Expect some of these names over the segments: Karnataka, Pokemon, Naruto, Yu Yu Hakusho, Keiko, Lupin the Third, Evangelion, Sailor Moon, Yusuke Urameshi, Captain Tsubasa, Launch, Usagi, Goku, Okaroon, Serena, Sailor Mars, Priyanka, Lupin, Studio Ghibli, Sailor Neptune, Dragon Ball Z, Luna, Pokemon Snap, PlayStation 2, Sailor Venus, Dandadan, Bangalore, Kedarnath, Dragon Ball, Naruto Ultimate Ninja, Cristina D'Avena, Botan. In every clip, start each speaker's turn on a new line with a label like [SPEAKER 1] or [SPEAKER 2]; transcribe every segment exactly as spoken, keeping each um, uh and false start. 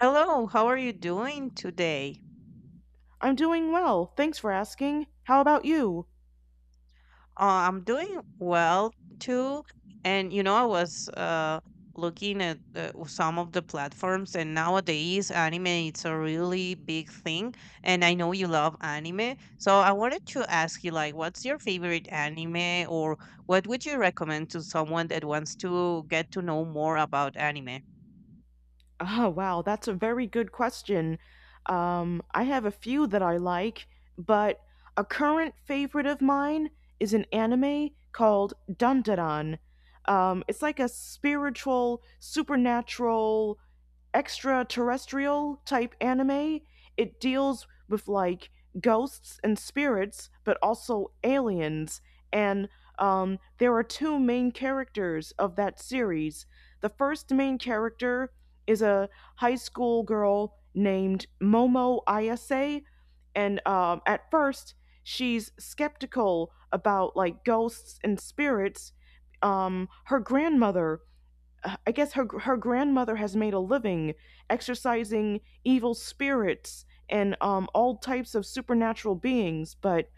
[SPEAKER 1] Hello, how are you doing today?
[SPEAKER 2] I'm doing well. Thanks for asking. How about you?
[SPEAKER 1] Uh, I'm doing well too. And you know, I was uh, looking at uh, some of the platforms, and nowadays anime it's a really big thing. And I know you love anime, so I wanted to ask you, like, what's your favorite anime, or what would you recommend to someone that wants to get to know more about anime?
[SPEAKER 2] Oh, wow, that's a very good question. Um, I have a few that I like, but a current favorite of mine is an anime called Dandadan. Um, it's like a spiritual, supernatural extraterrestrial type anime. It deals with like ghosts and spirits, but also aliens. And um, There are two main characters of that series. The first main character is a high school girl named Momo Ayase, and um, at first she's skeptical about like ghosts and spirits. Um, her grandmother, I guess her her grandmother has made a living exorcising evil spirits and um, all types of supernatural beings, but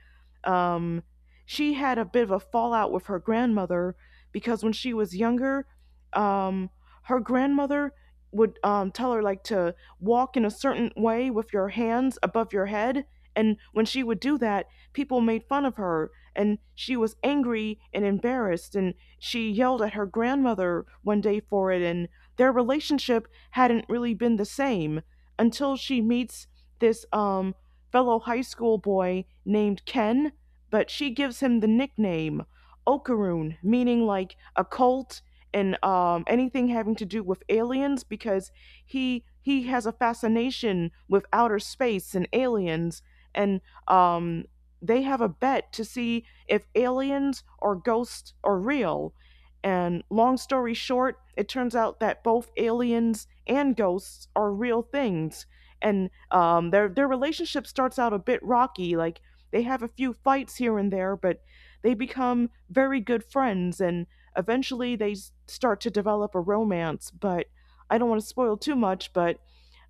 [SPEAKER 2] um, she had a bit of a fallout with her grandmother because when she was younger, um, her grandmother would um, tell her like to walk in a certain way with your hands above your head, and when she would do that, people made fun of her, and she was angry and embarrassed, and she yelled at her grandmother one day for it, and their relationship hadn't really been the same until she meets this um, fellow high school boy named Ken, but she gives him the nickname Okaroon, meaning like occult and um, anything having to do with aliens, because he he has a fascination with outer space and aliens, and um, they have a bet to see if aliens or ghosts are real. And long story short, it turns out that both aliens and ghosts are real things. And um, their their relationship starts out a bit rocky. Like they have a few fights here and there, but they become very good friends. And eventually, they s- start to develop a romance. But I don't want to spoil too much. But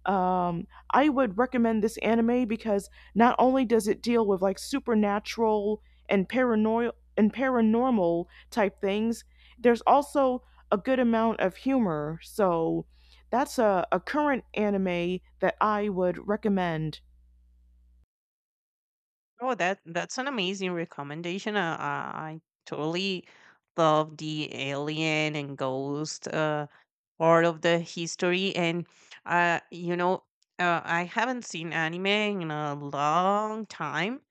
[SPEAKER 2] um, I would recommend this anime because not only does it deal with like supernatural and paranoid and paranormal type things, there's also a good amount of humor. So that's a, a current anime that I would recommend.
[SPEAKER 1] Oh, that that's an amazing recommendation. Uh, uh, I totally love the alien and ghost uh, part of the history, and uh, you know, uh, I haven't seen anime in a long time.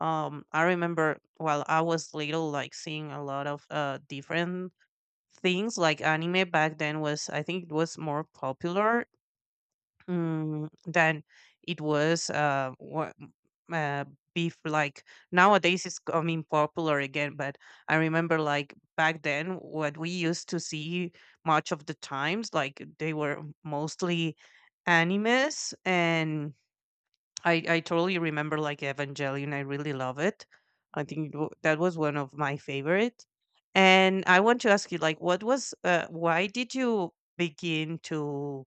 [SPEAKER 1] Um, I remember while I was little, like seeing a lot of uh different things. Like anime back then was, I think, it was more popular. Mm, then it was uh, what uh, beef like nowadays it's coming popular again. But I remember like back then what we used to see much of the times, like they were mostly animes. And i i totally remember like Evangelion. I really love it. I think it wa- that was one of my favorite. And I want to ask you, like, what was uh, why did you begin to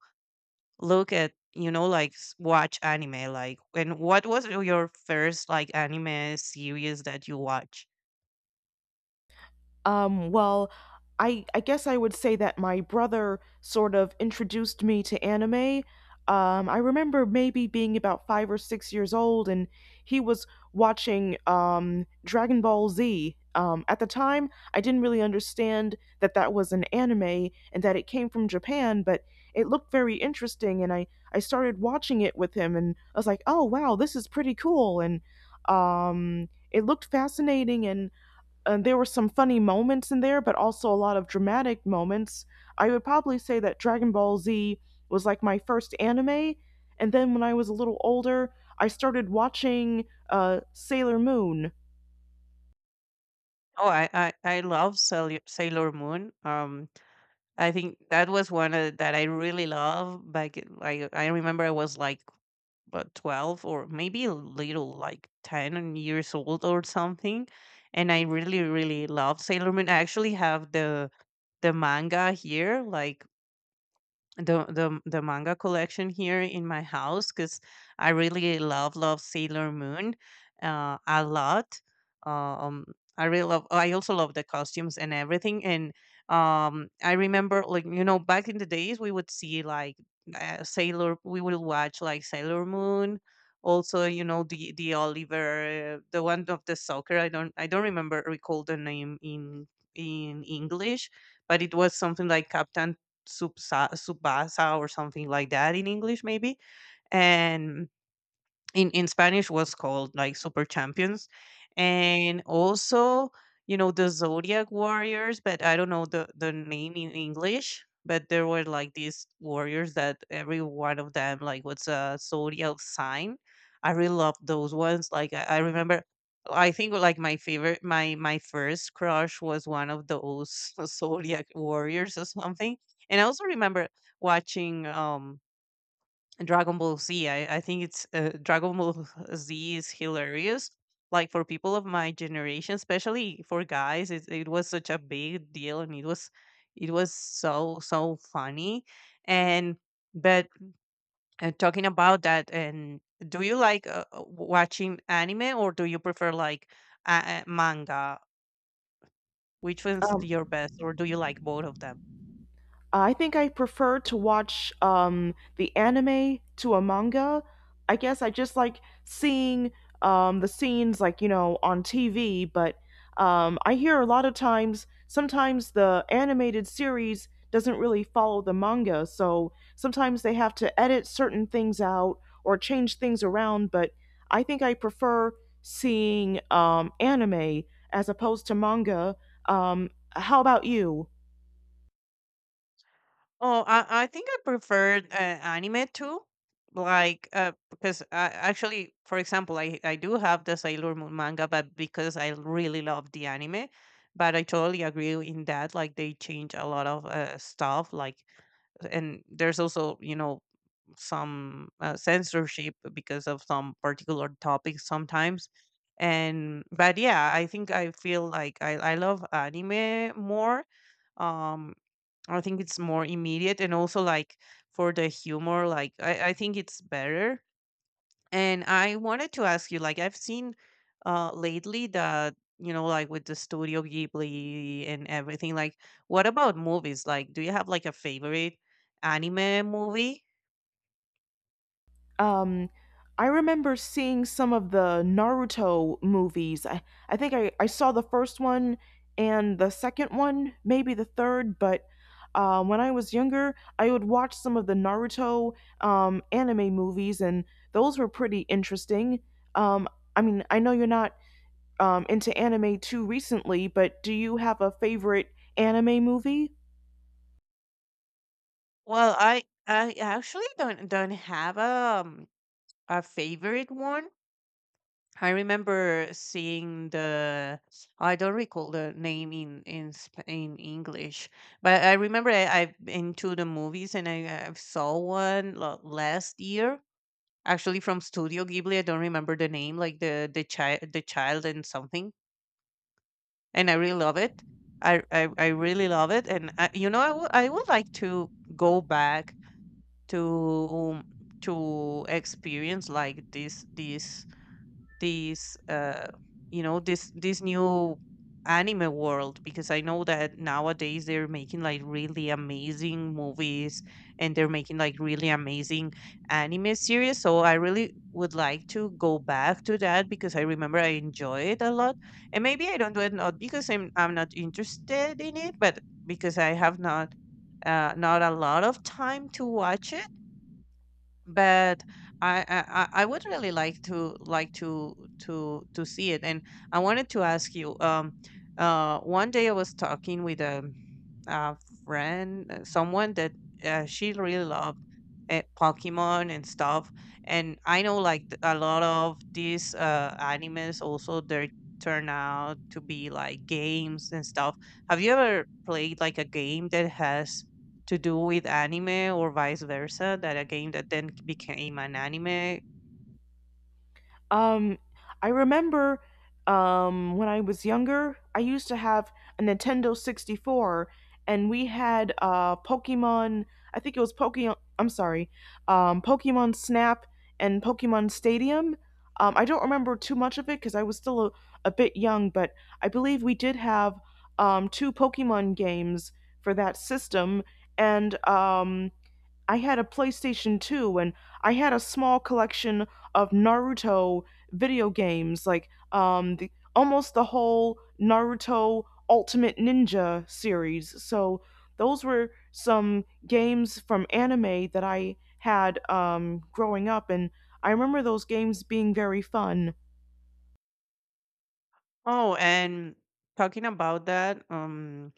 [SPEAKER 1] look at, you know, like s- watch anime, like, and what was your first like anime series that you watch?
[SPEAKER 2] Um, well, I I guess I would say that my brother sort of introduced me to anime. Um, I remember maybe being about five or six years old, and he was watching um, Dragon Ball Z. Um, at the time, I didn't really understand that that was an anime and that it came from Japan, but it looked very interesting, and I I started watching it with him, and I was like, oh wow, this is pretty cool, and um, it looked fascinating, and and there were some funny moments in there, but also a lot of dramatic moments. I would probably say that Dragon Ball Z was like my first anime, and then when I was a little older, I started watching uh, Sailor Moon.
[SPEAKER 1] oh i i, I love sailor, Sailor Moon. um I think that was one of, that I really love back in- like I remember I was like about twelve or maybe a little like ten years old or something, and I really really love Sailor Moon. I actually have the the manga here, like the the the manga collection here in my house because I really love love Sailor Moon uh, a lot. Um, I really love. I also love the costumes and everything. And um, I remember, like, you know, back in the days we would see like uh, Sailor. We would watch like Sailor Moon. Also, you know, the the Oliver, the one of the soccer. I don't I don't remember recall the name in in English, but it was something like Captain Tsubasa tsubasa or something like that in English maybe, and in in Spanish was called like Super Champions, and also, you know, the Zodiac Warriors, but I don't know the the name in English. But there were like these warriors that every one of them like was a zodiac sign. I really love those ones. Like I, I remember, I think like my favorite, my my first crush was one of those zodiac warriors or something. And I also remember watching um Dragon Ball Z. I, I think it's uh, Dragon Ball Z is hilarious. Like for people of my generation, especially for guys, it, it was such a big deal, and it was it was so so funny. And but uh, Talking about that, and do you like uh, uh, watching anime or do you prefer like uh, uh, manga? Which one's
[SPEAKER 2] Um,
[SPEAKER 1] your best, or do you like both of them?
[SPEAKER 2] I think I prefer to watch um, the anime to a manga. I guess I just like seeing um, the scenes, like, you know, on T V, but um, I hear a lot of times, sometimes the animated series doesn't really follow the manga, so sometimes they have to edit certain things out or change things around, but I think I prefer seeing um, anime as opposed to manga. Um, how about you?
[SPEAKER 1] Oh, I, I think I preferred uh, anime too. Like, uh, because I, actually, for example, I, I do have the Sailor Moon manga, but because I really love the anime. But I totally agree in that. Like, they change a lot of uh, stuff. Like, and there's also, you know, some uh, censorship because of some particular topics sometimes. And, but yeah, I think I feel like I, I love anime more. Um, I think it's more immediate and also like for the humor, like I, I think it's better. And I wanted to ask you, like I've seen uh lately that, you know, like with the Studio Ghibli and everything, like what about movies? Like do you have like a favorite anime movie?
[SPEAKER 2] Um, I remember seeing some of the Naruto movies. I, I think I, I saw the first one and the second one, maybe the third, but uh, when I was younger, I would watch some of the Naruto um, anime movies, and those were pretty interesting. Um, I mean, I know you're not um, into anime too recently, but do you have a favorite anime movie?
[SPEAKER 1] Well, I I actually don't don't have a um, a favorite one. I remember seeing the, I don't recall the name in in Sp- in English, but I remember I, I've been to the movies and I, I saw one la- last year, actually from Studio Ghibli. I don't remember the name, like the the child the child and something, and I really love it. I I, I really love it, and I, you know, I would I would like to go back to um, to experience like this this these uh you know this this new anime world because I know that nowadays they're making like really amazing movies, and they're making like really amazing anime series. So I really would like to go back to that because I remember I enjoy it a lot. And maybe I don't do it not because i'm I'm not interested in it, but because I have not uh, not a lot of time to watch it. But I, I I I would really like to like to to to see it, and I wanted to ask you. Um, uh, one day I was talking with a uh, friend, uh, someone that uh, she really loved uh, Pokemon and stuff. And I know like th- a lot of these uh, animes also they turn out to be like games and stuff. Have you ever played like a game that has to do with anime or vice versa? That a game that then became an anime?
[SPEAKER 2] Um, I remember um, when I was younger, I used to have a Nintendo sixty-four, and we had uh, Pokemon. I think it was Pokemon. I'm sorry, um, Pokemon Snap and Pokemon Stadium. Um, I don't remember too much of it because I was still a, a bit young, but I believe we did have um, two Pokemon games for that system, and um, I had a PlayStation two and I had a small collection of Naruto video games, like um, the, almost the whole Naruto Ultimate Ninja series. So those were some games from anime that I had um, growing up, and I remember those games being very fun.
[SPEAKER 1] Oh, and talking about that, um,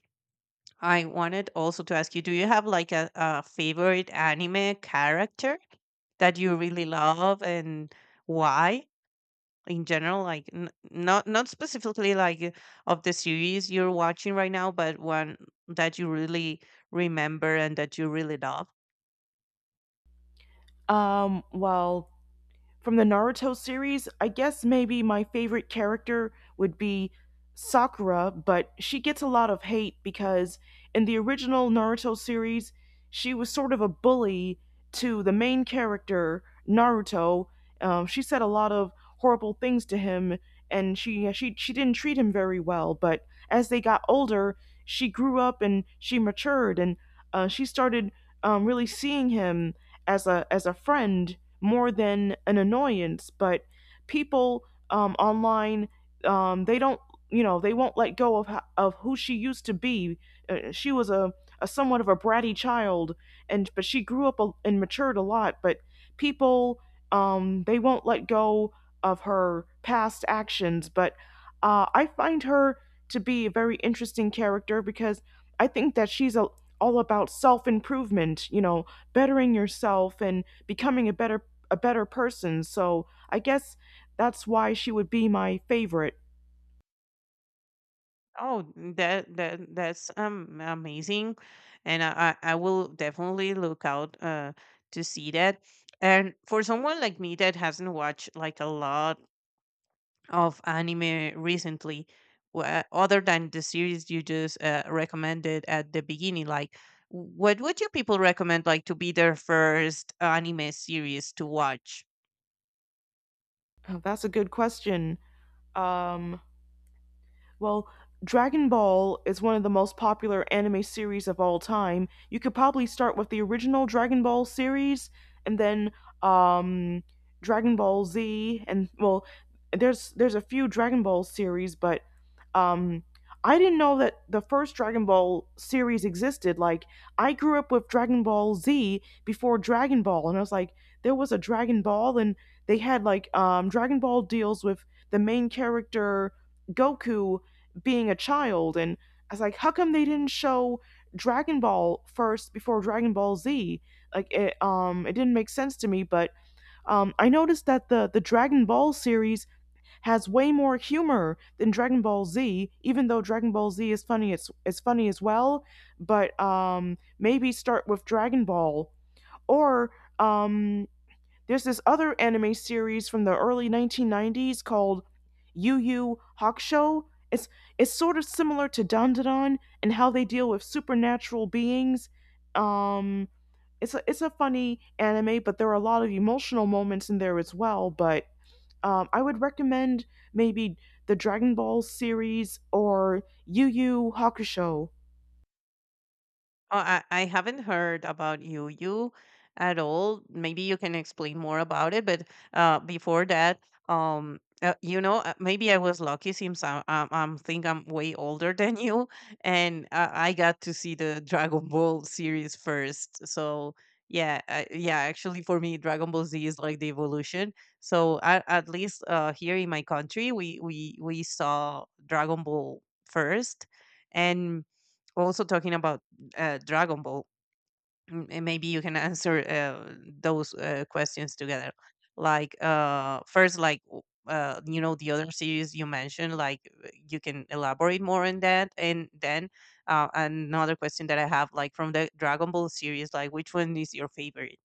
[SPEAKER 1] I wanted also to ask you, do you have like a, a favorite anime character that you really love and why, in general, like n- not not specifically like uh, of the series you're watching right now, but one that you really remember and that you really love?
[SPEAKER 2] Um, well, from the Naruto series, I guess maybe my favorite character would be Sakura, but she gets a lot of hate because in the original Naruto series, she was sort of a bully to the main character, Naruto. Um, she said a lot of horrible things to him and she, she she didn't treat him very well, but as they got older, she grew up and she matured and uh, she started um, really seeing him as a as a friend more than an annoyance. But people um, online, um, they don't, you know, they won't let go of of who she used to be. Uh, she was a, a somewhat of a bratty child, and but she grew up a, and matured a lot. But people, um, they won't let go of her past actions. But uh, I find her to be a very interesting character because I think that she's a all about self improvement, you know, bettering yourself and becoming a better a better person. So I guess that's why she would be my favorite.
[SPEAKER 1] Oh, that that that's um amazing, and i i I will definitely look out uh to see that. And for someone like me that hasn't watched like a lot of anime recently, wha- other than the series you just uh, recommended at the beginning, like what would you people recommend like to be their first anime series to watch?
[SPEAKER 2] Oh, that's a good question. Um, Well, Dragon Ball is one of the most popular anime series of all time. You could probably start with the original Dragon Ball series and then um Dragon Ball Z, and well, there's there's a few Dragon Ball series, but um I didn't know that the first Dragon Ball series existed. Like I grew up with Dragon Ball Z before Dragon Ball and I was like there was a Dragon Ball, and they had like um Dragon Ball deals with the main character Goku being a child, and I was like, how come they didn't show Dragon Ball first before Dragon Ball Z? Like it um it didn't make sense to me, but um I noticed that the the Dragon Ball series has way more humor than Dragon Ball Z, even though Dragon Ball Z is funny it's it's funny as well, but um maybe start with Dragon Ball or um there's this other anime series from the early nineteen nineties called Yu Yu Hakusho. It's it's sort of similar to Dandadan and how they deal with supernatural beings. Um, it's a it's a funny anime, but there are a lot of emotional moments in there as well. But um, I would recommend maybe the Dragon Ball series or Yu Yu Hakusho.
[SPEAKER 1] Oh, I, I haven't heard about you you at all. Maybe you can explain more about it. But uh, before that, um, uh, you know, uh, maybe I was lucky since I, I, I think I'm way older than you, and uh, I got to see the Dragon Ball series first. So yeah, I, yeah. Actually, for me, Dragon Ball Z is like the evolution. So at, at least uh, here in my country, we we we saw Dragon Ball first, and also talking about uh, Dragon Ball. M- And maybe you can answer uh, those uh, questions together. Like uh, first, like w- uh, you know, the other series you mentioned, like uh, you can elaborate more on that. And then uh, another question that I have, like from the Dragon Ball series, like which one is your favorite?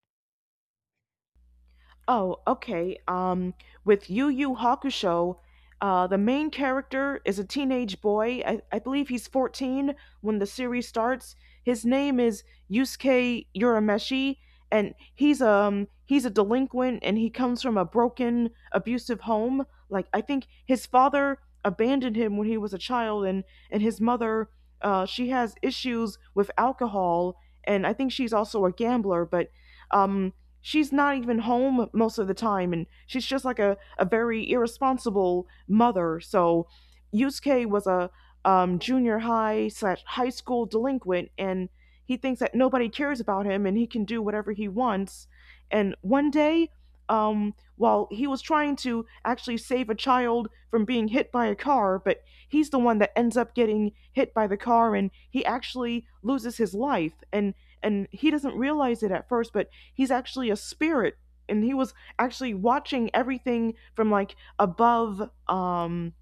[SPEAKER 2] Oh, okay. Um, with Yu Yu Hakusho, uh, the main character is a teenage boy. I, I believe he's fourteen when the series starts. His name is Yusuke Urameshi, and he's um he's a delinquent, and he comes from a broken, abusive home. Like I think his father abandoned him when he was a child, and and his mother, uh, she has issues with alcohol, and I think she's also a gambler, but um she's not even home most of the time and she's just like a, a very irresponsible mother. So Yusuke was a um, junior high slash high school delinquent, and he thinks that nobody cares about him and he can do whatever he wants, and one day um, while he was trying to actually save a child from being hit by a car, but he's the one that ends up getting hit by the car and he actually loses his life, and and he doesn't realize it at first, but he's actually a spirit, and he was actually watching everything from like above, um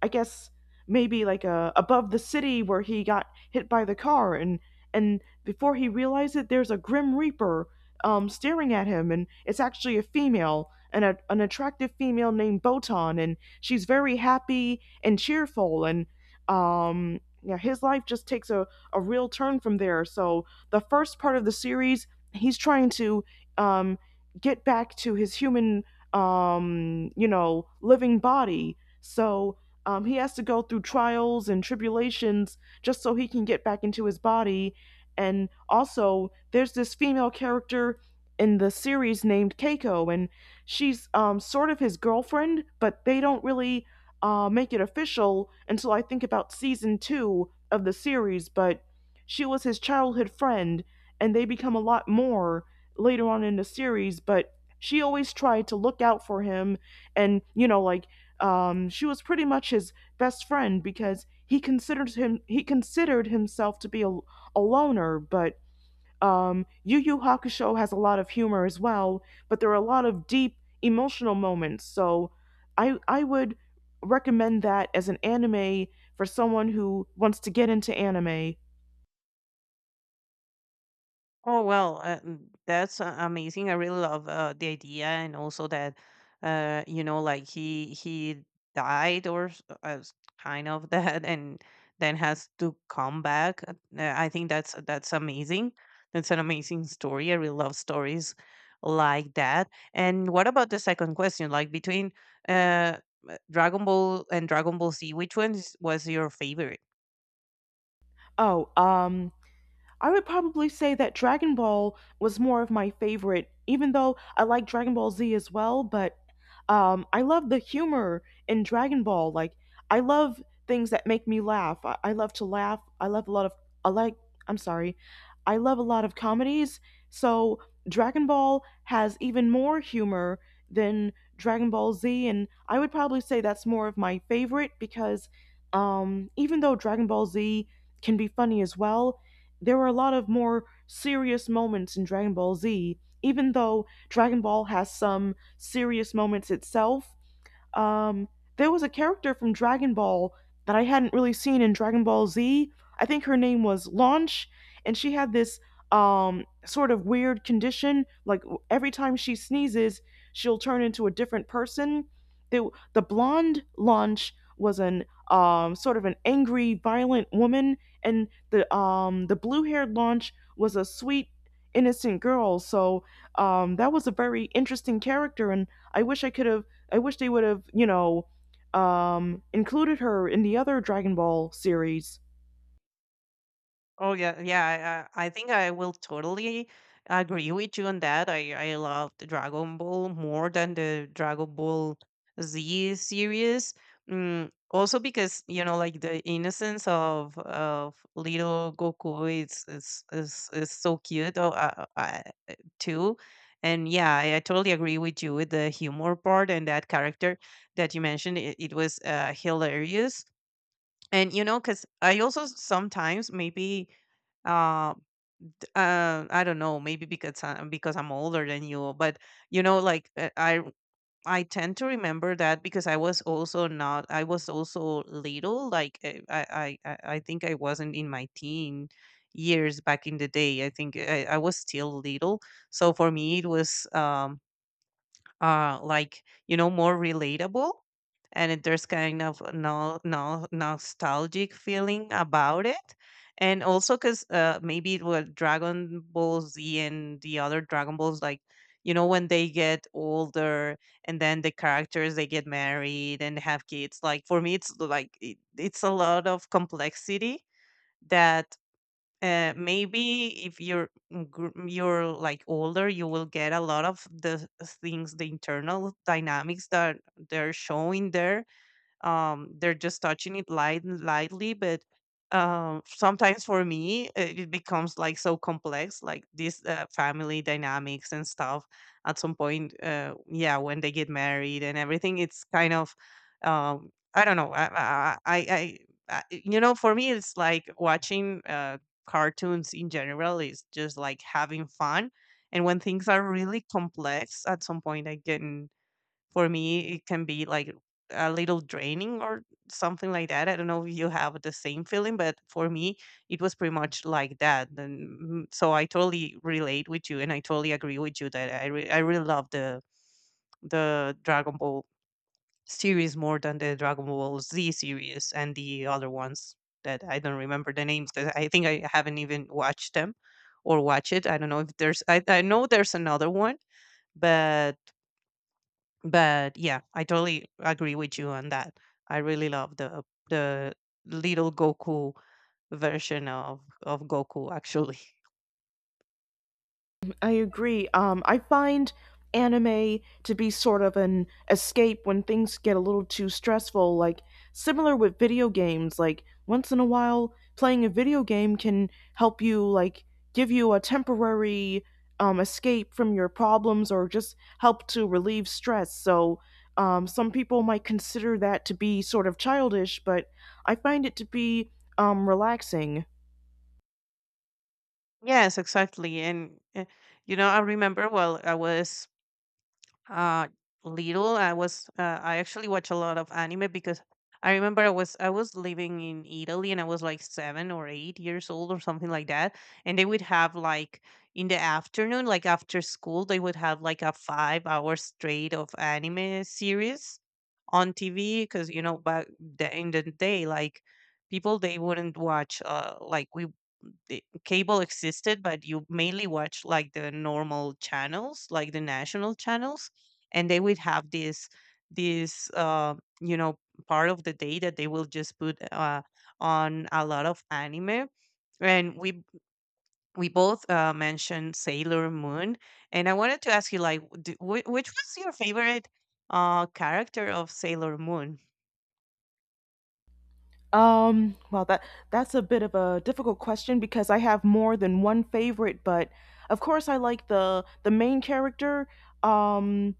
[SPEAKER 2] I guess maybe like uh, above the city where he got hit by the car, and and before he realized it there's a grim reaper um, staring at him, and it's actually a female an, a- an attractive female named Botan, and she's very happy and cheerful, and um yeah, his life just takes a, a real turn from there. So the first part of the series he's trying to um, get back to his human um, you know, living body. So um, he has to go through trials and tribulations just so he can get back into his body. And also, there's this female character in the series named Keiko, and she's um, sort of his girlfriend, but they don't really uh, make it official until I think about season two of the series. But she was his childhood friend, and they become a lot more later on in the series. But she always tried to look out for him and, you know, like um, she was pretty much his best friend because he considered him he considered himself to be a, a loner, but um, Yu Yu Hakusho has a lot of humor as well, but there are a lot of deep emotional moments. So I I would recommend that as an anime for someone who wants to get into anime.
[SPEAKER 1] Oh well, uh, mm, that's uh, amazing. I really love uh, the idea, and also that, uh, you know, like he he died or s- uh, s- kind of that, and then has to come back. Uh, uh, I think that's that's amazing. That's an amazing story. I really love stories like that. And what about the second question? Like between uh, uh, Dragon Ball and Dragon Ball Z, which one was your favorite?
[SPEAKER 2] Oh, um I would probably say that Dragon Ball was more of my favorite, even though I like Dragon Ball Z as well. But um, I love the humor in Dragon Ball. Like I love things that make me laugh. I, I love to laugh. I love a lot of I like. I'm sorry. I love a lot of comedies. So Dragon Ball has even more humor than Dragon Ball Z, and I would probably say that's more of my favorite because, um, even though Dragon Ball Z can be funny as well, there were a lot of more serious moments in Dragon Ball Z, even though Dragon Ball has some serious moments itself. Um, there was a character from Dragon Ball that I hadn't really seen in Dragon Ball Z. I think her name was Launch, and she had this um, sort of weird condition. Like every time she sneezes, she'll turn into a different person. The, the blonde Launch was an um, sort of an angry, violent woman, and the um, the blue haired Launch was a sweet, innocent girl. So um, that was a very interesting character, and I wish I could have I wish they would have, you know, um, included her in the other Dragon Ball series.
[SPEAKER 1] Oh yeah, yeah. I, I I think I will totally agree with you on that. I I loved Dragon Ball more than the Dragon Ball Z series. Mm, also because, you know, like the innocence of of little Goku is is is, is so cute. Oh, uh, uh, uh, too. And yeah, I, I totally agree with you with the humor part and that character that you mentioned. It, it was uh, hilarious. And you know, because I also sometimes maybe uh, t- uh I don't know, maybe because I'm because I'm older than you, but you know, like uh, I I tend to remember that because I was also not I was also little, like uh, I I I I think I wasn't in my teen years back in the day. I think I, I was still little, so for me it was um uh like, you know, more relatable. And it- there's kind of no no nostalgic feeling about it. And also because uh maybe it was Dragon Ball Z and the other Dragon Balls, like, you know, when they get older and then the characters they get married and have kids, like for me it's like it, it's a lot of complexity that uh, maybe if you're mm, gr- mm, you're like older, you will get a lot of the things, the internal dynamics that they're showing there. Um, they're just touching it light lightly, but um, sometimes for me it, it becomes like so complex, like this uh, family dynamics and stuff. At some point, uh, yeah, when they get married and everything, it's kind of um, I don't know. I, I, I, I, I- you know, for me, it's like watching uh, cartoons in general is just like having fun. And when things are really complex, at some point, I get, for me, it can be like a little draining or something like that. I don't know if you have the same feeling, but for me, it was pretty much like that. And mm, so I totally relate with you, and I totally agree with you that I re- I really love the the Dragon Ball series more than the Dragon Ball Z series and the other ones that I don't remember the names. 'Cause I think I haven't even watched them or watch it. I don't know if there's. I I know there's another one, but but yeah, I totally agree with you on that. I really love the the little Goku version of of Goku actually.
[SPEAKER 2] I agree. Um, I find anime to be sort of an escape when things get a little too stressful. Like, similar with video games, like, once in a while, playing a video game can help you, like, give you a temporary um, escape from your problems or just help to relieve stress. So, um, some people might consider that to be sort of childish, but I find it to be um, relaxing.
[SPEAKER 1] Yes, exactly. And uh, you know, I remember while I was uh little. I was uh, I actually watch a lot of anime because I remember i was I was living in Italy and I was like seven or eight years old or something like that, and they would have like, in the afternoon, like after school, they would have like a five hour straight of anime series on TV. Because you know, back the, in the day, like, people, they wouldn't watch uh like, we, the cable existed, but you mainly watch like the normal channels, like the national channels, and they would have this this uh, you know, part of the day that they will just put uh, on a lot of anime. And we we both uh, mentioned Sailor Moon, and I wanted to ask you, like, d- wh- which was your favorite uh, character of Sailor Moon?
[SPEAKER 2] Um, well, that that's a bit of a difficult question because I have more than one favorite, but of course I like the the main character. Um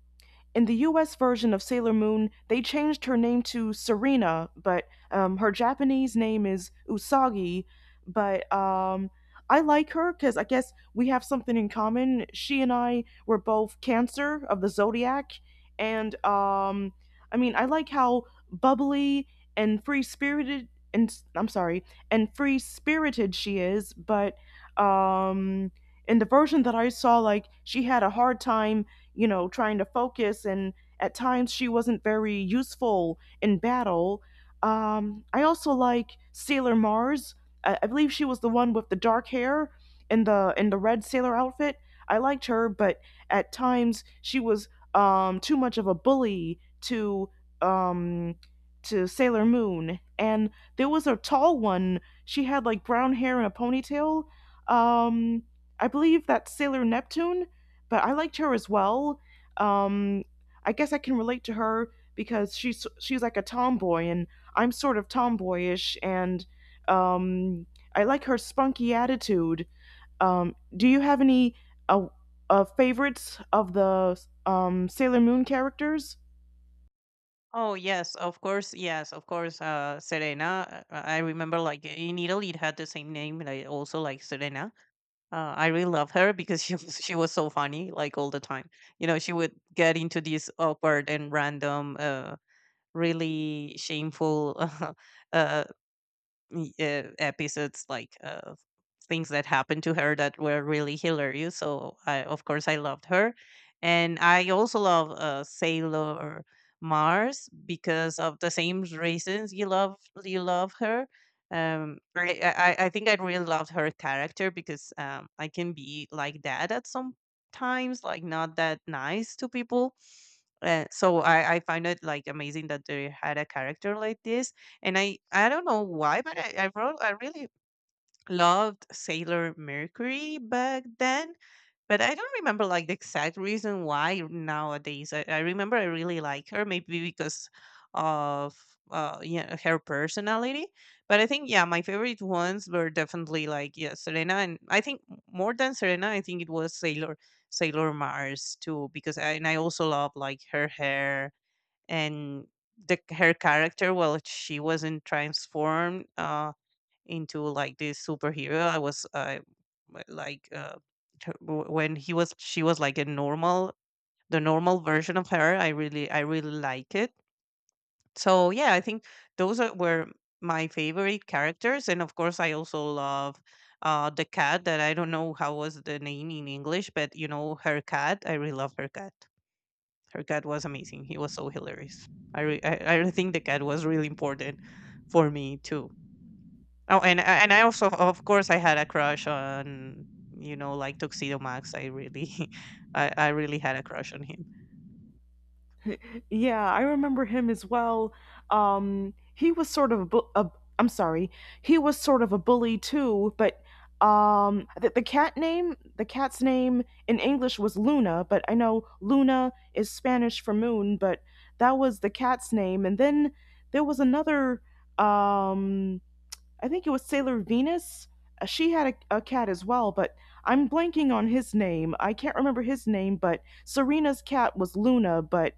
[SPEAKER 2] in the U S version of Sailor Moon, they changed her name to Serena, but um, her Japanese name is Usagi. But um, I like her because I guess we have something in common. She and I were both Cancer of the zodiac, and, um, I mean, I like how bubbly and free spirited, and I'm sorry, and free spirited she is. But um, in the version that I saw, like she had a hard time, you know, trying to focus. And at times she wasn't very useful in battle. Um, I also like Sailor Mars. I, I believe she was the one with the dark hair and the in the red sailor outfit. I liked her, but at times she was um, too much of a bully to, um, to Sailor Moon. And there was a tall one. She had like brown hair and a ponytail. Um, I believe that's Sailor Neptune, but I liked her as well. Um, I guess I can relate to her because she's she's like a tomboy, and I'm sort of tomboyish, and, um, I like her spunky attitude. Um, do you have any uh, uh, favorites of the um, Sailor Moon characters?
[SPEAKER 1] Oh yes, of course, yes, of course. Uh, Serena. uh, I remember, like in Italy, it had the same name. Like also like Serena. Uh, I really love her because she was she was so funny, like all the time. You know, she would get into these awkward and random, uh, really shameful uh, e- uh, episodes like uh, things that happened to her that were really hilarious. So I, of course, I loved her, and I also love uh, Sailor Mars because of the same reasons you love you love her. Um, I, I I think I really loved her character because um, I can be like that at some times, like not that nice to people. Uh, so I, I find it like amazing that they had a character like this, and I I don't know why, but I I, wrote, I really loved Sailor Mercury back then, but I don't remember like the exact reason why nowadays. I, I remember I really like her, maybe because of uh yeah, her personality, but I think, yeah, my favorite ones were definitely, like, yeah, Serena, and I think more than Serena, I think it was Sailor Sailor Mars too because I, and I also love like her hair and the her character. Well, she wasn't transformed uh into like this superhero. I was uh, w- like uh her- w- when he was she was like a normal, the normal version of her. i really I really like it. So yeah, I think those are, were my favorite characters, and of course I also love uh the cat that I don't know how was the name in English, but you know, her cat. I really love her cat. Her cat was amazing. He was so hilarious. I re- I, I really think the cat was really important for me too. Oh, and uh, and I also, of course, I had a crush on, you know, like Tuxedo Max. I really, I, I really had a crush on him.
[SPEAKER 2] Yeah, I remember him as well. Um, he was sort of a, bu- a I'm sorry, he was sort of a bully too. But um, the, the cat name, the cat's name in English was Luna, but I know Luna is Spanish for moon, but that was the cat's name. And then there was another. Um, I think it was Sailor Venus. Uh, She had a, a cat as well, but I'm blanking on his name. I can't remember his name, but Serena's cat was Luna, but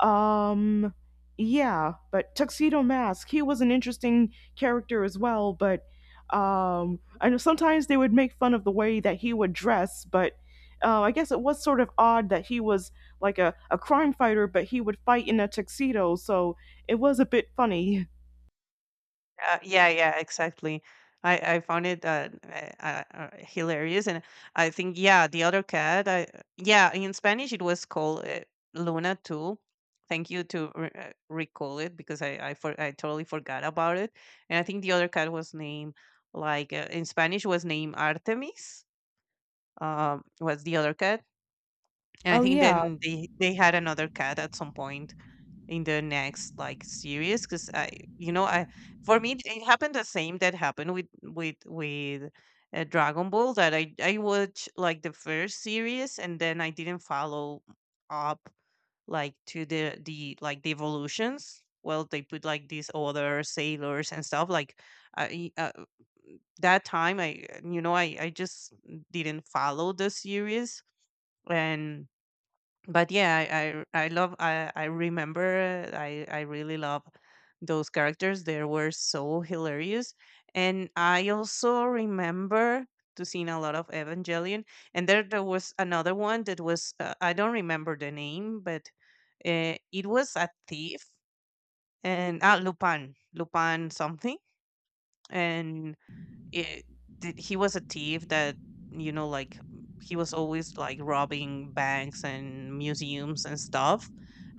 [SPEAKER 2] um, yeah, but Tuxedo Mask, he was an interesting character as well, but um, I know sometimes they would make fun of the way that he would dress, but uh, I guess it was sort of odd that he was like a, a crime fighter, but he would fight in a tuxedo, so it was a bit funny.
[SPEAKER 1] Uh, yeah, yeah, exactly. I, I found it uh, uh, uh, hilarious, and I think, yeah, the other cat. I, yeah, in Spanish it was called uh, Luna too. Thank you to re- uh, recall it because I I, for, I totally forgot about it. And I think the other cat was named like uh, in Spanish was named Artemis. Um, was the other cat, and I
[SPEAKER 2] Oh,
[SPEAKER 1] think
[SPEAKER 2] yeah.
[SPEAKER 1] then they they had another cat at some point in the next like series. Because I you know, I for me, it happened the same that happened with with with uh, Dragon Ball. That i I watched like the first series and then I didn't follow up, like to the the like the evolutions. Well, they put like these other sailors and stuff, like, I, uh, that time I you know, i I just didn't follow the series. And but yeah, I I, I love, I I remember I I really love those characters. They were so hilarious, and I also remember to seeing a lot of Evangelion. And there there was another one that was uh, I don't remember the name, but uh, it was a thief. And ah, Lupin Lupin something, and it, did, he was a thief that, you know, like, he was always like robbing banks and museums and stuff.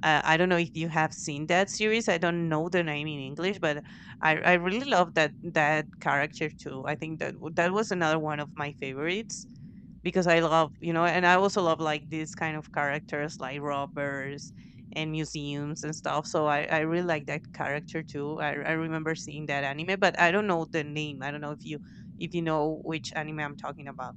[SPEAKER 1] uh, I don't know if you have seen that series. I don't know the name in English, but i I really love that that character too. I think that w- that was another one of my favorites, because I love, you know, and I also love like these kind of characters, like robbers and museums and stuff. So i I really like that character too. i, I remember seeing that anime, but I don't know the name. I don't know if you, if you know which anime I'm talking about.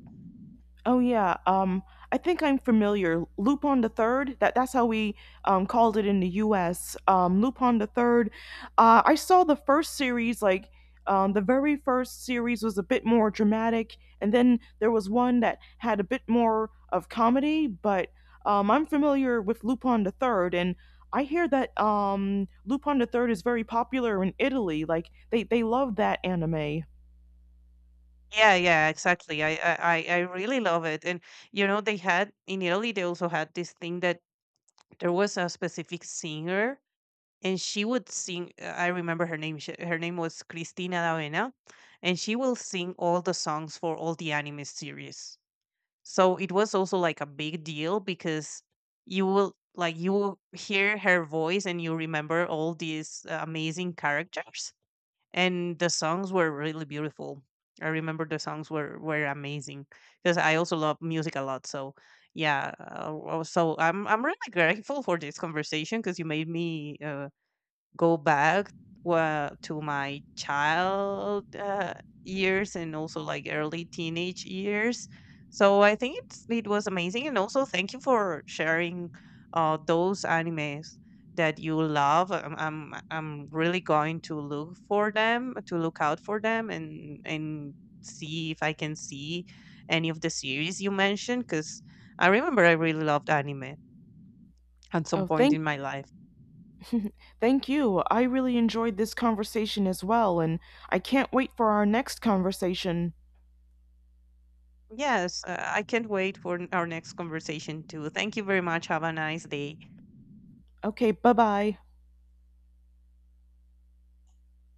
[SPEAKER 2] Oh, yeah. Um, I think I'm familiar. Lupin the Third. That that's how we um, called it in the U S. Um, Lupin the Third. Uh, I saw the first series. Like um, the very first series was a bit more dramatic, and then there was one that had a bit more of comedy. But um, I'm familiar with Lupin the Third, and I hear that um, Lupin the Third is very popular in Italy. Like they they love that anime.
[SPEAKER 1] Yeah, yeah, exactly. I, I, I I really love it. And you know, they had, in Italy they also had this thing that there was a specific singer, and she would sing, uh, I remember her name, she, her name was Cristina D'Avena, and she will sing all the songs for all the anime series. So it was also like a big deal because you will, like, you will hear her voice and you remember all these uh, amazing characters, and the songs were really beautiful. I remember the songs were were amazing, because I also love music a lot. So yeah, uh, uh, so I'm I'm really grateful for this conversation because you made me uh, go back uh, to my child, uh, years, and also like early teenage years. So I think it's, it was amazing, and also thank you for sharing uh, those animes that you love. I'm, I'm I'm really going to look for them, to look out for them, and and see if I can see any of the series you mentioned, because I remember I really loved anime at
[SPEAKER 2] Oh,
[SPEAKER 1] some point
[SPEAKER 2] thank
[SPEAKER 1] in my life.
[SPEAKER 2] Thank you. I really enjoyed this conversation as well, and I can't wait for our next conversation.
[SPEAKER 1] Yes, uh, I can't wait for n- our next conversation too. Thank you very much. Have a nice day.
[SPEAKER 2] Okay, bye bye.